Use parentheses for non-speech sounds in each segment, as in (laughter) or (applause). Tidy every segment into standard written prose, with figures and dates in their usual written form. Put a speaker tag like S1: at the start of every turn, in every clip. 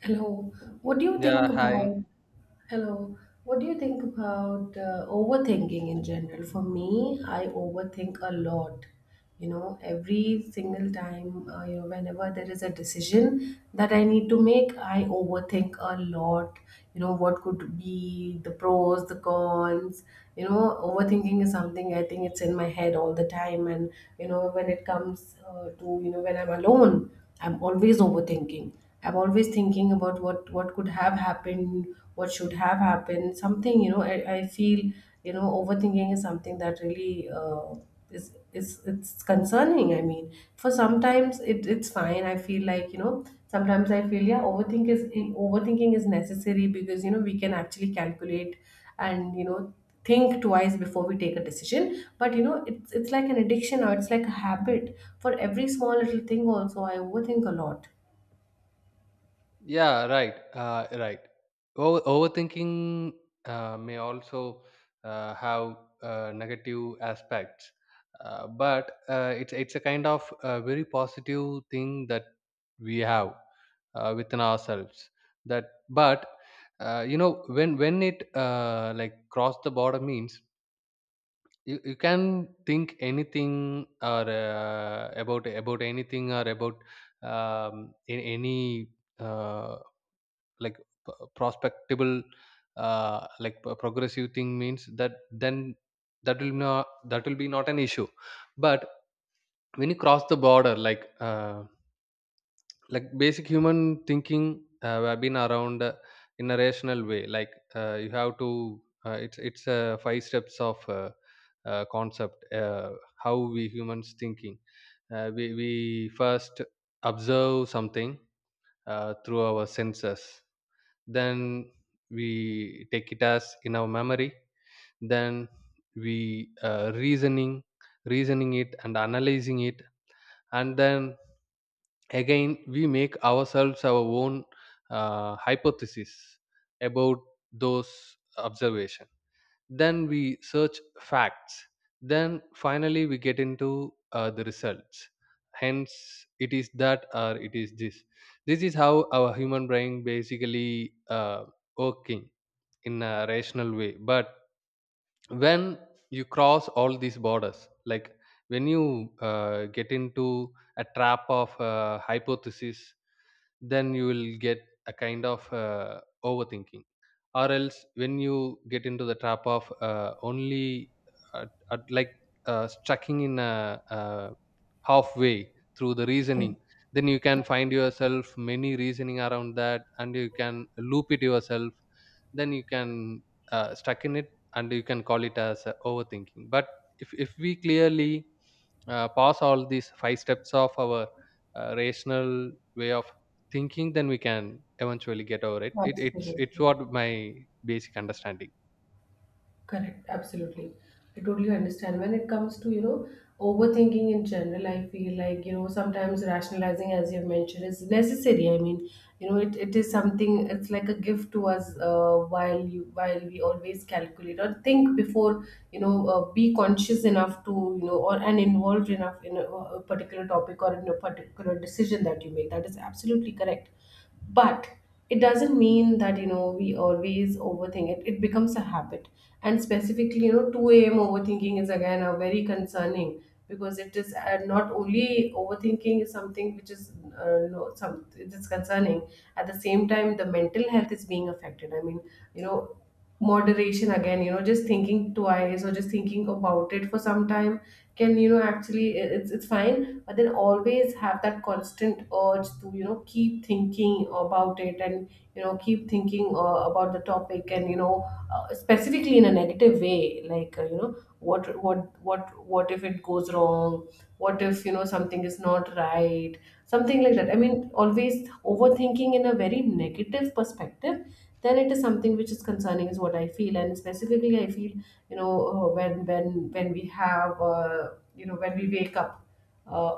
S1: Hello. What do you think
S2: Yeah, hi.
S1: about Hello? What do you think about overthinking in general? For me, I overthink a lot. You know, every single time, you know, whenever there is a decision that I need to make, I overthink a lot. You know, what could be the pros, the cons. You know, overthinking is something I think it's in my head all the time. You know, when it comes to, you know, when I'm alone. I'm always overthinking. I'm always thinking about what could have happened, what should have happened. Something, you know, I feel, you know, overthinking is something that really is it's concerning. I mean, for sometimes it's fine. I feel like, you know, sometimes I feel, yeah, overthinking is necessary because, you know, we can actually calculate and, you know, think twice before we take a decision. But, you know, it's like an addiction or it's like a habit. For every small little thing also, I overthink a lot.
S2: Yeah, right. Right. Overthinking may also have negative aspects, but it's a kind of very positive thing that we have within ourselves. That, but when it like cross the border means, you can think anything or about anything or about in any uh, like prospectable like progressive thing means that then that will be not an issue, but when you cross the border like basic human thinking have been around in a rational way. Like, you have to, it's five steps of concept. How we humans thinking. We first observe something through our senses. Then we take it as in our memory. Then we uh, reasoning reasoning it and analyzing it, and then again we make ourselves our own hypothesis about those observation, then we search facts, then finally we get into the results, hence it is that or it is this. This is how our human brain basically working in a rational way, but when you cross all these borders, like when you get into a trap of hypothesis, then you will get a kind of overthinking. Or else when you get into the trap of only at like stucking in a, halfway through the
S1: Yeah,
S2: reasoning, then you can find yourself many reasoning around that, and you can loop it yourself, then you can stuck in it, and you can call it as overthinking. But if we clearly pass all these five steps of our rational way of thinking, then we can eventually get over it. It's
S1: absolutely.
S2: what my basic understanding.
S1: Correct, absolutely. I totally understand. When it comes to, you know, overthinking in general, I feel like, you know, sometimes rationalizing, as you've mentioned, is necessary. I mean, you know, it is something, it's like a gift to us while while we always calculate or think before, you know, be conscious enough to, you know, or and involved enough in a particular topic or in a particular decision that you make. That is absolutely correct, but it doesn't mean that, you know, we always overthink. It becomes a habit. And specifically, you know, 2 a.m overthinking is again a very concerning. Because it is, not only overthinking is something which is, you know, some it is concerning. At the same time, the mental health is being affected. I mean, you know, moderation again, you know, just thinking twice or just thinking about it for some time can, you know, actually it's fine. But then always have that constant urge to, you know, keep thinking about it. And, you know, keep thinking about the topic. And, you know, specifically in a negative way, like, you know, what if it goes wrong, what if, you know, something is not right, something like that. I mean, always overthinking in a very negative perspective, then it is something which is concerning is what I feel. And specifically, I feel, you know, when we have, you know, when we wake up, uh,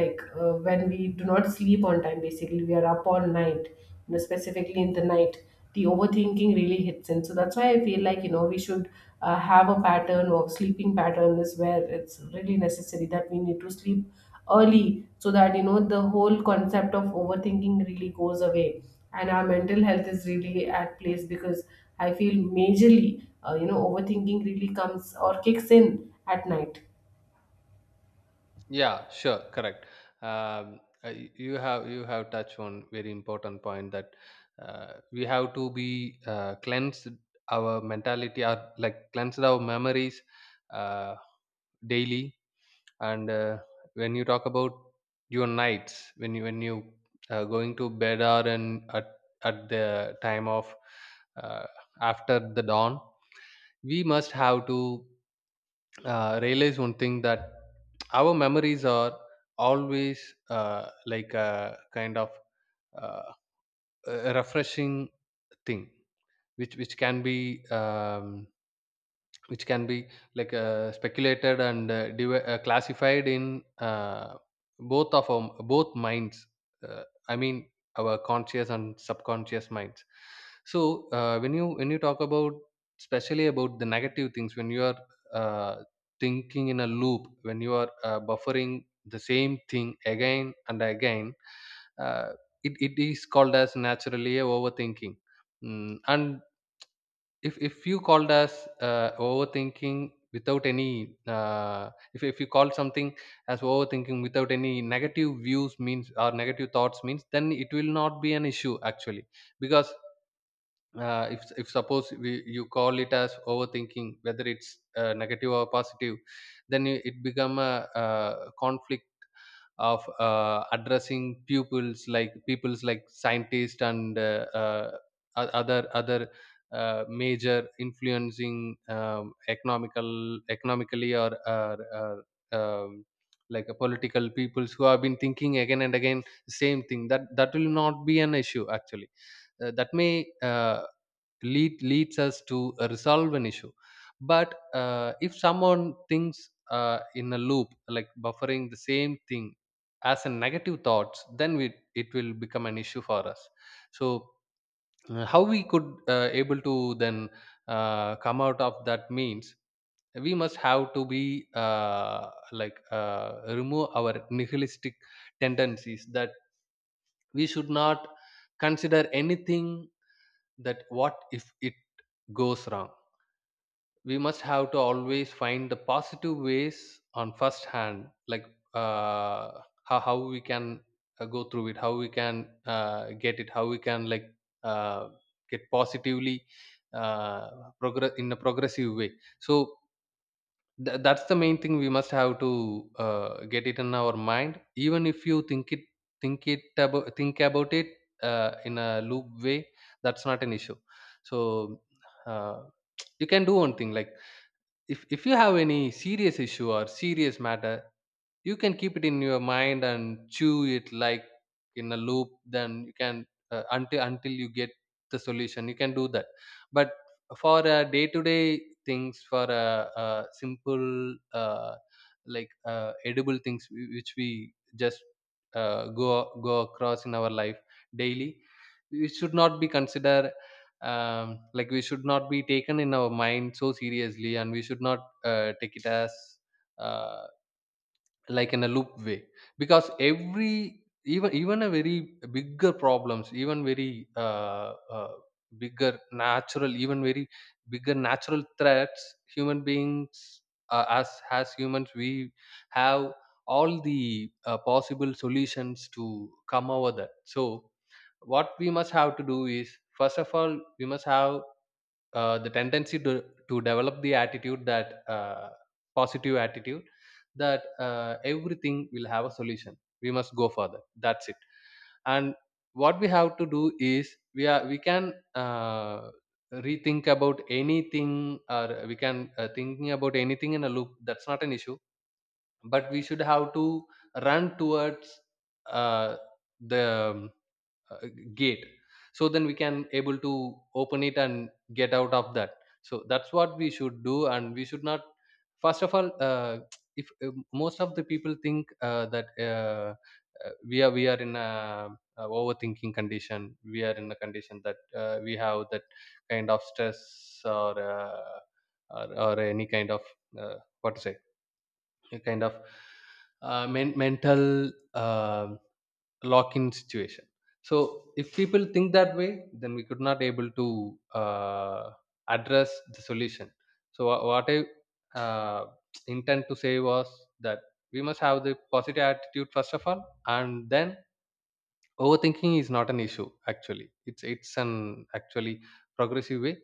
S1: when we do not sleep on time, basically we are up all night. You know, specifically in the night, the overthinking really hits in. So that's why I feel like, you know, we should, have a pattern of, sleeping pattern is where it's really necessary that we need to sleep early, so that, you know, the whole concept of overthinking really goes away and our mental health is really at place. Because I feel, majorly, you know, overthinking really comes or kicks in at night.
S2: Yeah, sure, correct. You have touched on very important point, that we have to be cleansed our mentality or like cleansed our memories uh, daily. And when you talk about your nights, when you going to bed or in at the time of uh, after the dawn, we must have to realize one thing, that our memories are always like a kind of uh, a refreshing thing, which can be which can be like speculated and classified in both minds, uh, I mean our conscious and subconscious minds. So when you talk about, especially about the negative things, when you are uh, thinking in a loop, when you are buffering the same thing again and again, uh, it is called as naturally a overthinking. And if you called us overthinking without any if you call something as overthinking without any negative views means or negative thoughts means, then it will not be an issue actually, because if suppose you call it as overthinking, whether it's negative or positive, then it become a, conflict of addressing pupils like peoples like scientists and other major influencing economically, or like a political peoples, who have been thinking again and again the same thing, that that will not be an issue actually, that may leads us to resolve an issue. But if someone thinks in a loop, like buffering the same thing as a negative thoughts, then it will become an issue for us. So how we could able to then come out of that means, we must have to be like remove our nihilistic tendencies, that we should not consider anything, that what if it goes wrong. We must have to always find the positive ways on first hand, like how we can go through it, how we can get it, how we can like uh, get positively uh, progress in a progressive way. So that's the main thing we must have to get it in our mind, even if you think about it in a loop way, that's not an issue. So uh, you can do one thing: like if you have any serious issue or serious matter, you can keep it in your mind and chew it like in a loop, then you can, until you get the solution, you can do that. But for day-to-day things, for simple like edible things which we just uh, go go across in our life daily, we should not be considered, like, we should not be taken in our mind so seriously, and we should not take it as uh, like in a loop way, because every even a very bigger problems, even very bigger natural even very bigger natural threats, human beings, as humans, we have all the possible solutions to come over that. So what we must have to do is, first of all, we must have the tendency to develop the attitude, that positive attitude, that everything will have a solution, we must go further, that's it. And what we have to do is, we can rethink about anything, or we can thinking about anything in a loop, that's not an issue. But we should have to run towards uh, the uh, gate, so then we can able to open it and get out of that. So that's what we should do, and we should not, first of all, (tsk) if most of the people think that we are in a overthinking condition, we are in a condition that we have that kind of stress, or uh, or any kind of what to say, a kind of mental um lock in situation, so if people think that way, then we could not able to address the solution. So what I uh, intend to say was that, we must have the positive attitude first of all, and then overthinking is not an issue, actually it's an actually progressive way.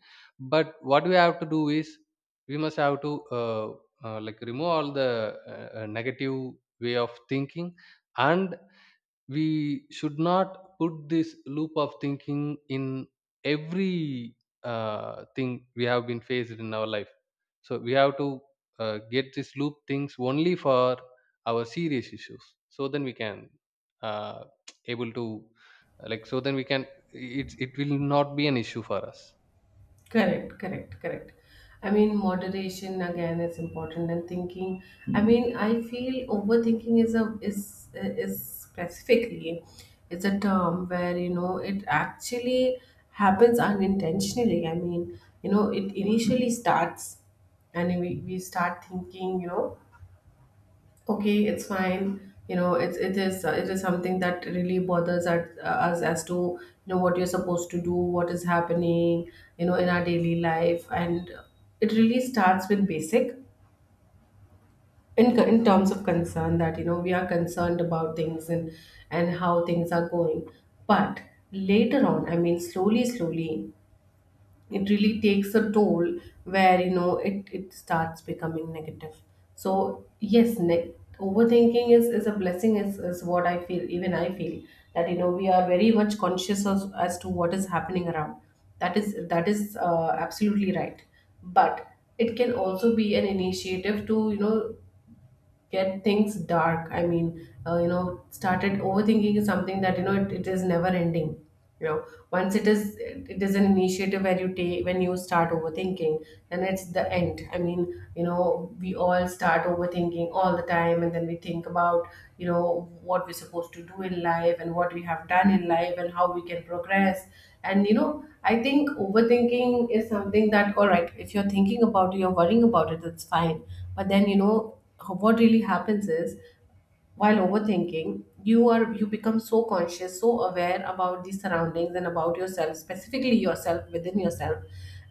S2: But what we have to do is, we must have to like remove all the negative way of thinking, and we should not put this loop of thinking in every thing we have been faced in our life. So we have to get this loop things only for our serious issues, so then we can uh, able to, like so then we can it's it will not be an issue for us.
S1: Correct, correct, correct. I mean, moderation again is important, and thinking. I mean, I feel overthinking is a is is specifically, it's a term where, you know, it actually happens unintentionally. I mean, you know, it initially starts, and we start thinking, you know, okay, it's fine. You know, it's it is something that really bothers at, us as to, you know, what you're supposed to do, what is happening, you know, in our daily life. And it really starts with basic, in terms of concern, that, you know, we are concerned about things and how things are going. But later on, I mean, slowly, slowly, it really takes a toll where, you know, it starts becoming negative. So yes, overthinking is is what I feel. Even I feel that, you know, we are very much conscious as to what is happening around. That is absolutely right. But it can also be an initiative to, you know, get things dark. I mean, you know, started overthinking is something that, you know, it is never ending. You know, once it is, it is an initiative where you take when you start overthinking, then it's the end. I mean, you know, we all start overthinking all the time, and then we think about, you know, what we're supposed to do in life, and what we have done in life, and how we can progress. And, you know, I think overthinking is something that, all right, if you're thinking about it, you're worrying about it, that's fine. But then, you know, what really happens is while overthinking, you become so conscious, so aware about the surroundings and about yourself, specifically yourself within yourself,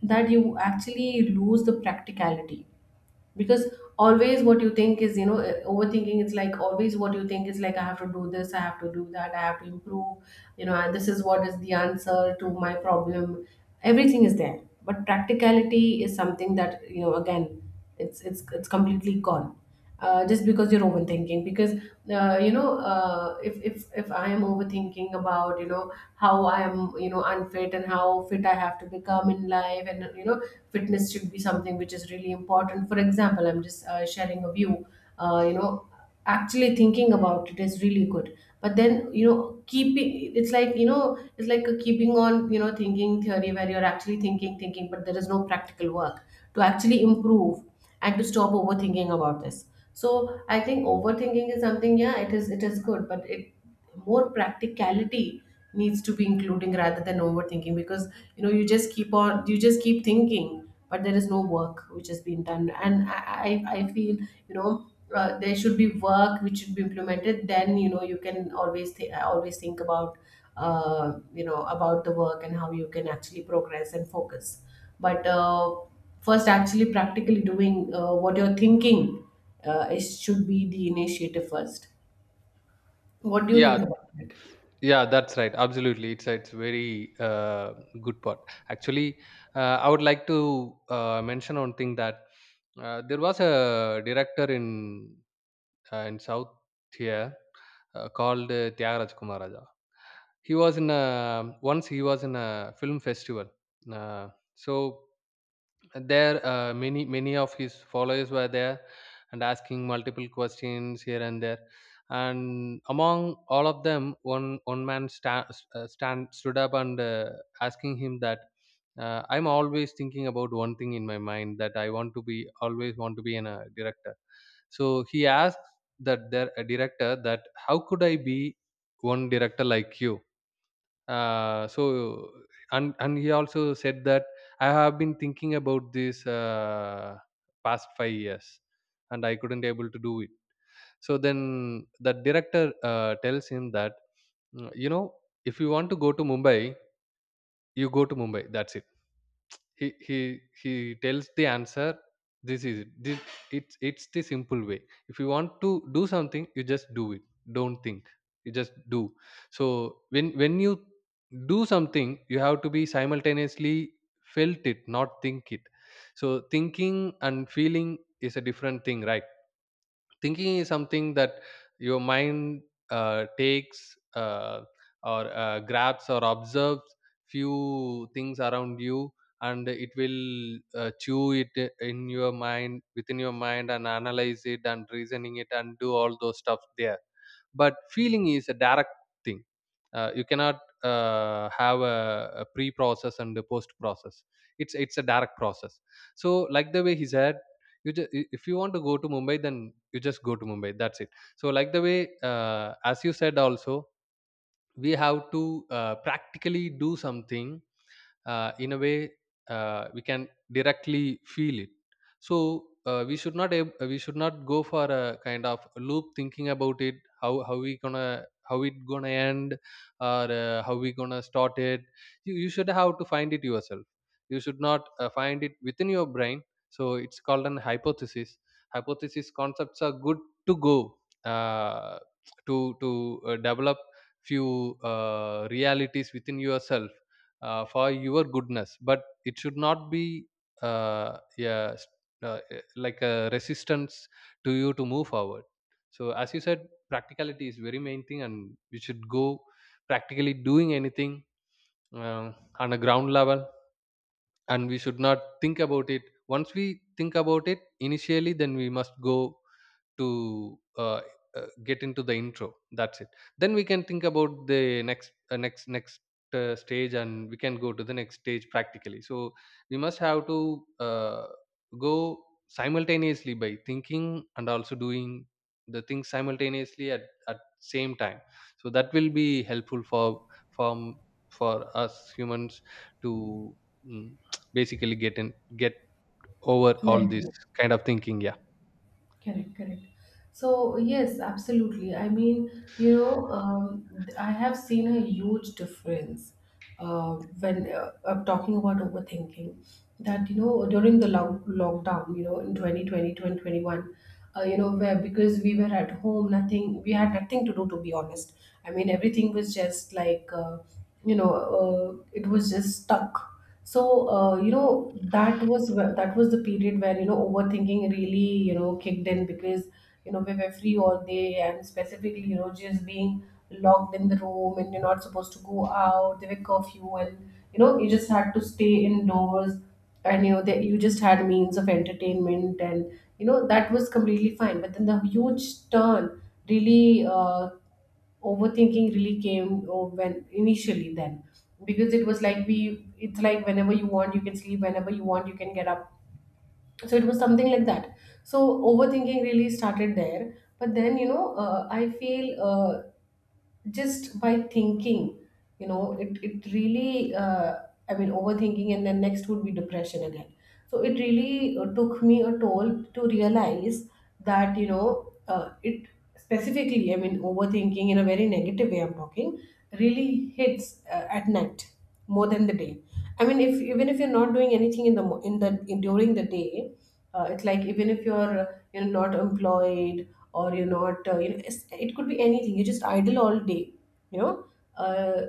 S1: that you actually lose the practicality. Because always what you think is, you know, overthinking is like, always what you think is like, I have to do this, I have to do that, I have to improve, you know, and this is what is the answer to my problem. Everything is there, but practicality is something that, you know, again it's completely gone, just because you're overthinking. Because, you know, if I am overthinking about, you know, how I am, you know, unfit and how fit I have to become in life, and, you know, fitness should be something which is really important. For example, I'm just sharing a view. You know, actually thinking about it is really good. But then, you know, keeping, it's like, you know, it's like a keeping on, you know, thinking theory, where you're actually thinking, but there is no practical work to actually improve and to stop overthinking about this. So I think overthinking is something, yeah, it is good, but it, more practicality needs to be including rather than overthinking. Because, you know, you just keep on, you just keep thinking, but there is no work which has been done. And I feel, you know, there should be work which should be implemented. Then, you know, you can always think about, you know, about the work and how you can actually progress and focus. But, first, actually practically doing, what you're thinking, it should be the initiative first. What do you think
S2: Yeah.
S1: about it?
S2: Yeah, that's right. Absolutely, it's very good part. Actually, I would like to mention one thing, that there was a director in South here, called Tyagaraja Kumaraja. He was in a once he was in a film festival. Uh, so there, many of his followers were there and asking multiple questions here and there, and among all of them, one man sta- stand stood up and asking him that, "I'm always thinking about one thing in my mind, that I want to be, always want to be, an a director." So he asked that their a director, that how could I be one director like you. So and he also said that, I have been thinking about this past 5 years, and I couldn't able to do it. So then the director, tells him that, "Mm, you know if you want to go to Mumbai, you go to Mumbai, that's it." He he he tells the answer, this is it, it's the simple way. If you want to do something, you just do it, don't think, you just do. So when you do something, you have to be simultaneously felt it, not think it. So thinking and feeling is a different thing, right? Thinking is something that your mind takes, or grabs or observes few things around you, and it will chew it in your mind, within your mind, and analyze it and reasoning it and do all those stuff there. But feeling is a direct thing. You cannot have a pre-process and a post-process. It's a direct process. So like the way he said, if you want to go to Mumbai, then you just go to Mumbai, that's it. So like the way, as you said also, we have to practically do something, in a way we can directly feel it. So we should not we should not go for a kind of loop thinking about it. How we gonna, how it gonna end, or how we gonna start it? You should have to find it yourself. You should not find it within your brain. So it's called an hypothesis. Hypothesis concepts are good to go, uh, to develop few realities within yourself, for your goodness, but it should not be uh, yeah, s- like a resistance to you to move forward. So as you said, practicality is very main thing, and we should go practically doing anything uh, on a ground level. And we should not think about it. Once we think about it initially, then we must go to, get into the intro. That's it. Then we can think about the next, stage, and we can go to the next stage practically. So we must have to uh, go simultaneously, by thinking and also doing the things simultaneously at same time. So that will be helpful for, for for us humans to, mm, (tsk) basically get in get over all
S1: Right.
S2: this kind of thinking. Yeah.
S1: Correct, correct. So, yes, absolutely. I mean, you know, I have seen a huge difference when, I'm talking about overthinking. That, you know, during the lockdown, you know, in 2020, 2021, you know, where, because we were at home, nothing, we had nothing to do, to be honest. I mean, everything was just like, you know, it was just stuck. So, you know, that was that was the period where, you know, overthinking really, you know, kicked in. Because, you know, we were free all day, and specifically, you know, just being locked in the room, and you're not supposed to go out. There were curfew, and you know you just had to stay indoors, and you know that you just had means of entertainment. And you know that was completely fine. But then the huge turn really overthinking really came, oh, when initially, then, because it was like we, it's like, whenever you want you can sleep, whenever you want you can get up. So it was something like that. So overthinking really started there. But then, you know, I feel, just by thinking, you know, it really, I mean, overthinking, and then next would be depression again. So it really took me a toll to realize that, you know, it, specifically, I mean, overthinking in a very negative way I'm talking, really hits at night more than the day. I mean, if, even if you're not doing anything in the during the day, it's like, even if you're, you're not employed, or you're not, you know, it could be anything, you're just idle all day. You know, uh,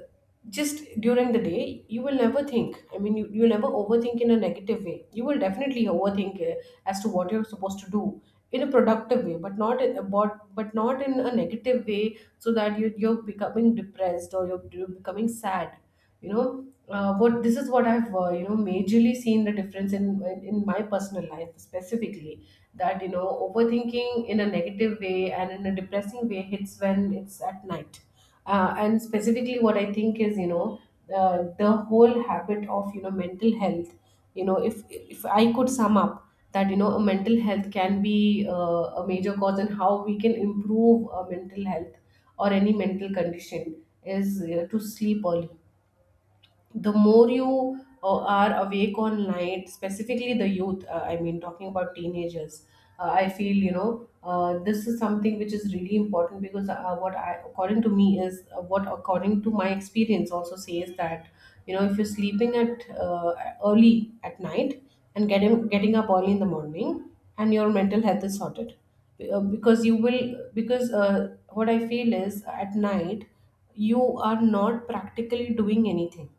S1: just during the day you will never think. I mean, you never overthink in a negative way. You will definitely overthink as to what you're supposed to do in a productive way, but not in, but not in a negative way, so that you're becoming depressed, or you're becoming sad. You know, what, this is what I've, you know, majorly seen the difference in my personal life specifically. That, you know, overthinking in a negative way and in a depressing way hits when it's at night. And specifically, what I think is, you know, The whole habit of mental health. If I could sum up that a mental health can be a major cause, and how we can improve a mental health or any mental condition is to sleep early. The more you are awake on night, specifically the youth, I mean talking about teenagers, I feel this is something which is really important, because what I according to me is what according to my experience also says that if you're sleeping at early at night and getting up early in the morning, and your mental health is sorted. Because you will, because what I feel is at night you are not practically doing anything.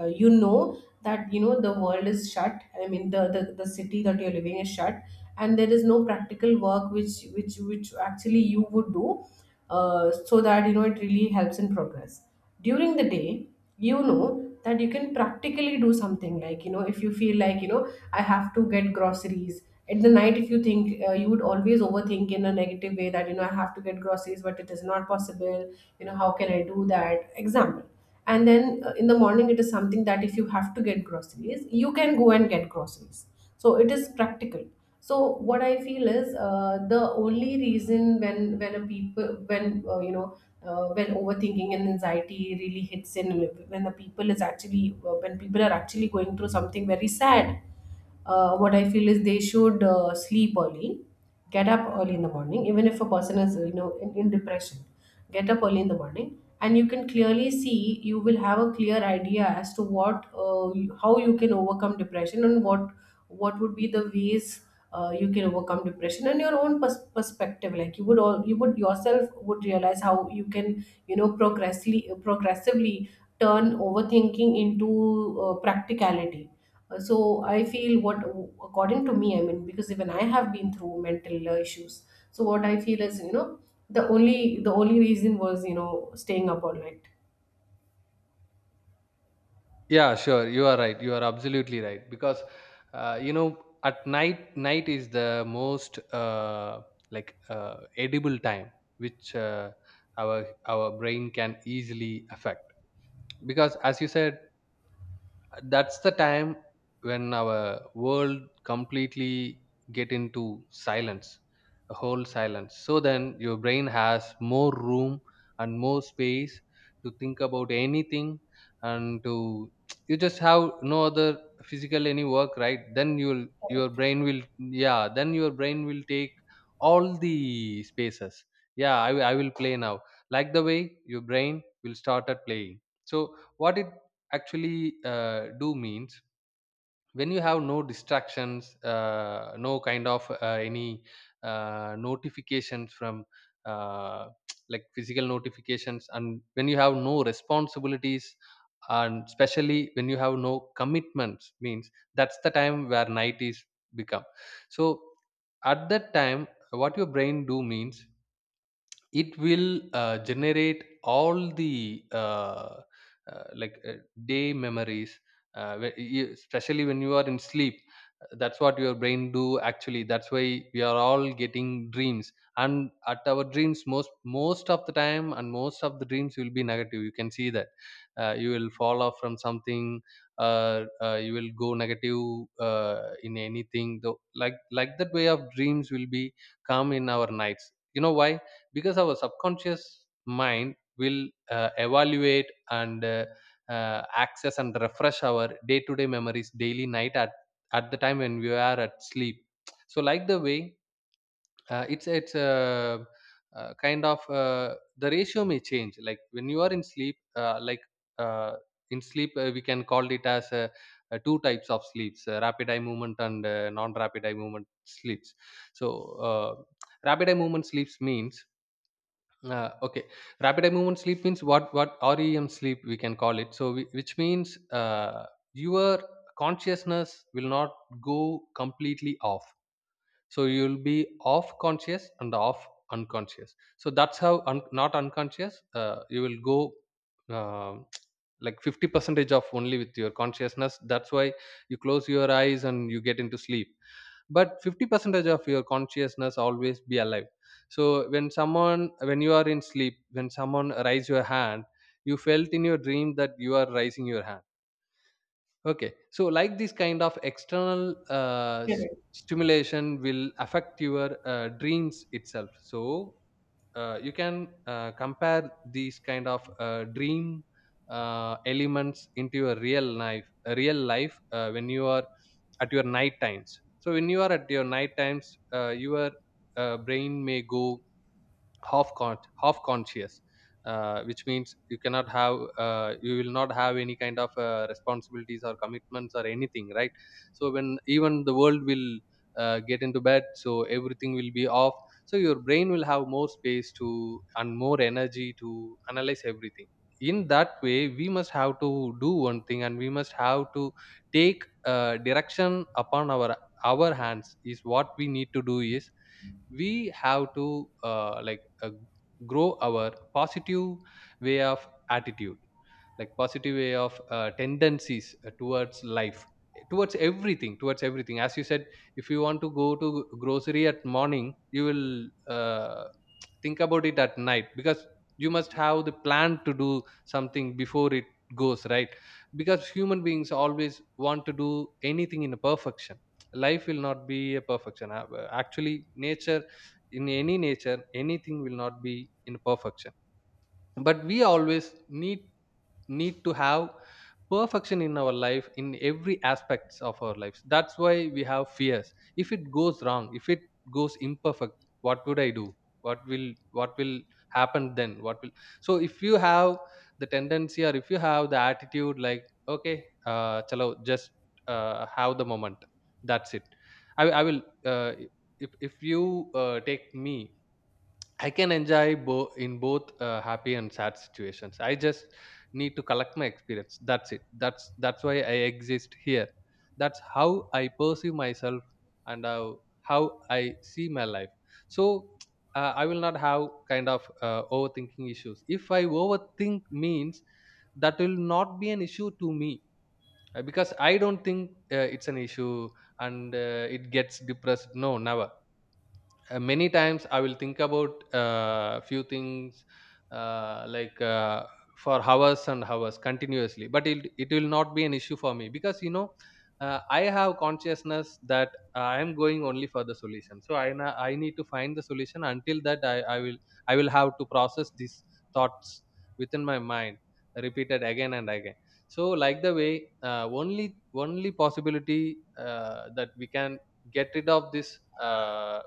S1: uh, you know that the world is shut, I mean the city that you're living is shut, and there is no practical work which which actually you would do, so that it really helps in progress during the day. That you can practically do something. Like if you feel like I have to get groceries at the night, if you think you would always overthink in a negative way that I have to get groceries but it is not possible. How can I do that, example? And then in the morning it is something that if you have to get groceries, you can go and get groceries. So it is practical. So what I feel is, the only reason, when a people when you know when overthinking and anxiety really hits in, when the people is actually when people are actually going through something very sad, what I feel is they should sleep early, get up early in the morning. Even if a person is in depression, get up early in the morning, and you can clearly see, you will have a clear idea as to what, how you can overcome depression, and what would be the ways you can overcome depression, and your own perspective. Like you would all, you would yourself would realize how you can progressively turn overthinking into practicality. So I feel what, according to me, I mean, because even I have been through mental issues. So what I feel is, you know, the only reason was staying up all night.
S2: Yeah, sure. You are right. You are absolutely right. Because, at night is the most edible time, which our brain can easily affect. Because, as you said, that's the time when our world completely get into silence, a whole silence. So then your brain has more room and more space to think about anything. And to — you just have no other physical any work, right? Then you'll your brain will yeah then your brain will take all the spaces. I will play now, like the way your brain will start at playing. So what it actually do means, when you have no distractions, no kind of any notifications from, uh, (tsk) like physical notifications, and when you have no responsibilities, and especially when you have no commitments means, that's the time where night is become. So at that time, what your brain do means, it will generate all the uh, like uh, day memories, especially when you are in sleep. That's what your brain do actually, that's why we are all getting dreams. And at our dreams, most of the time, and most of the dreams will be negative, you can see that. You will fall off from something, uh, you will go negative uh, in anything, though. Like that way of dreams will be come in our nights. You know why? Because our subconscious mind will evaluate and access and refresh our day-to-day memories, daily night, at the time when we are at sleep. So like the way, it's a, kind of, the ratio may change, like when you are in sleep. uh, like uh, in sleep, we can call it as two types of sleeps: rapid eye movement, and non rapid eye movement sleeps. So, uh, rapid eye movement sleeps means, okay, rapid eye movement sleep means, what — REM sleep we can call it. Which means, your consciousness will not go completely off. So you'll be off conscious and off unconscious. So that's how not unconscious you will go. um like 50 percentage of only with your consciousness, that's why you close your eyes and you get into sleep. But 50% of your consciousness always be alive. So when someone, when you are in sleep, when someone raise your hand, you felt in your dream that you are raising your hand. Okay, so like this kind of external
S1: Correct.
S2: stimulation will affect your dreams itself. So you can compare these kind of dream elements into your real life, when you are at your night times. So when you are at your night times, your brain may go half conscious, which means you will not have any kind of responsibilities or commitments or anything, right. So when even the world will get into bed, so everything will be off. So your brain will have more space to, and more energy to, analyze everything. In that way, we must have to do one thing, and we must have to take direction upon our hands. Is what we need to do is, we have to grow our positive way of attitude, like positive way of tendencies towards life, towards everything, as you said. If you want to go to grocery at morning, you will uh, think about it at night, because you must have the plan to do something before it goes, right? Because human beings always want to do anything in a perfection. Life will not be a perfection. Actually, nature, in any nature, anything will not be in perfection. But we always need need to have perfection in our life, in every aspects of our lives. That's why we have fears: if it goes wrong, if it goes imperfect, what would I do? What will, happen, then what will. So if you have the tendency, or if you have the attitude like, okay, chalo, just have the moment, that's it. I will If you take me, I can enjoy in both happy and sad situations. I just need to collect my experience. That's it. That's why I exist here. That's how I perceive myself, and how I see my life. So (tsk) I will not have kind of overthinking issues. If I overthink means, that will not be an issue to me, because I don't think it's an issue, and it gets depressed. No, never. Many times I will think about few things, uh, like uh, for hours and hours continuously, but it will not be an issue for me, because you know, I have consciousness that I am going only for the solution. So I na- I need to find the solution. Until that, I will have to process these thoughts within my mind, repeated again and again. So like the way, uh, only only possibility that we can get rid of this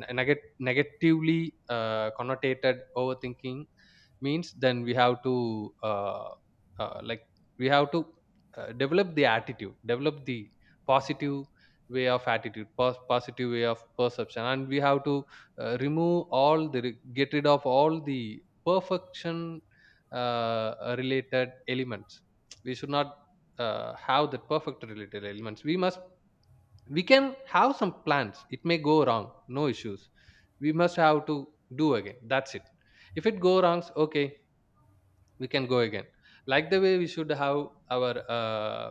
S2: ne- negatively connotated overthinking, means, then we have to uh, like we have to develop the attitude, develop the positive way of attitude, positive way of perception. And we have to remove all the re- get rid of all the perfection related elements. We should not have that perfect related elements. We must we can have some plans, it may go wrong, no issues. We must have to do again, that's it. If it go wrong, okay, we can go again. Like the way we should have our uh,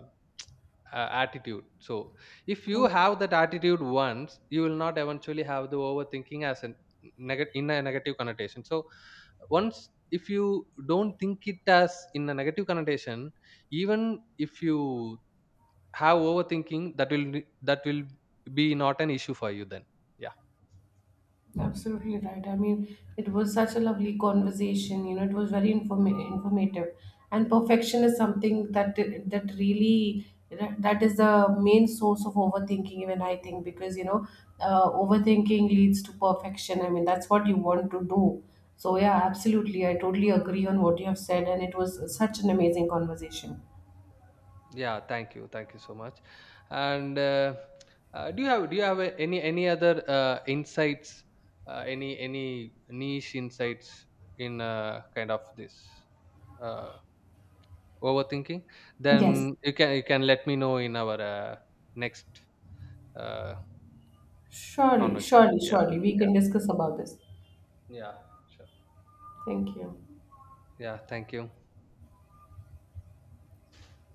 S2: uh, attitude. So if you have that attitude once, you will not eventually have the overthinking as a negative, in a negative connotation. So once, if you don't think it as in a negative connotation, even if you have overthinking, that will be not an issue for you then. Yeah.
S1: Absolutely right. I mean, it was such a lovely conversation. You know, it was very informative, and perfection is something that really, that is the main source of overthinking. Even I think, because you know, overthinking leads to perfection. I mean, that's what you want to do. So yeah, absolutely. I totally agree on what you have said, and it was such an amazing conversation.
S2: Yeah, thank you so much. And do you have any other insights, any niche insights in kind of this uh, overthinking,
S1: Yes,
S2: then you can let me know in our next uh,
S1: surely,
S2: conversation.
S1: surely,
S2: Yeah.
S1: surely, we
S2: Yeah.
S1: can discuss about this.
S2: Yeah, sure.
S1: Thank you.
S2: Yeah, thank you.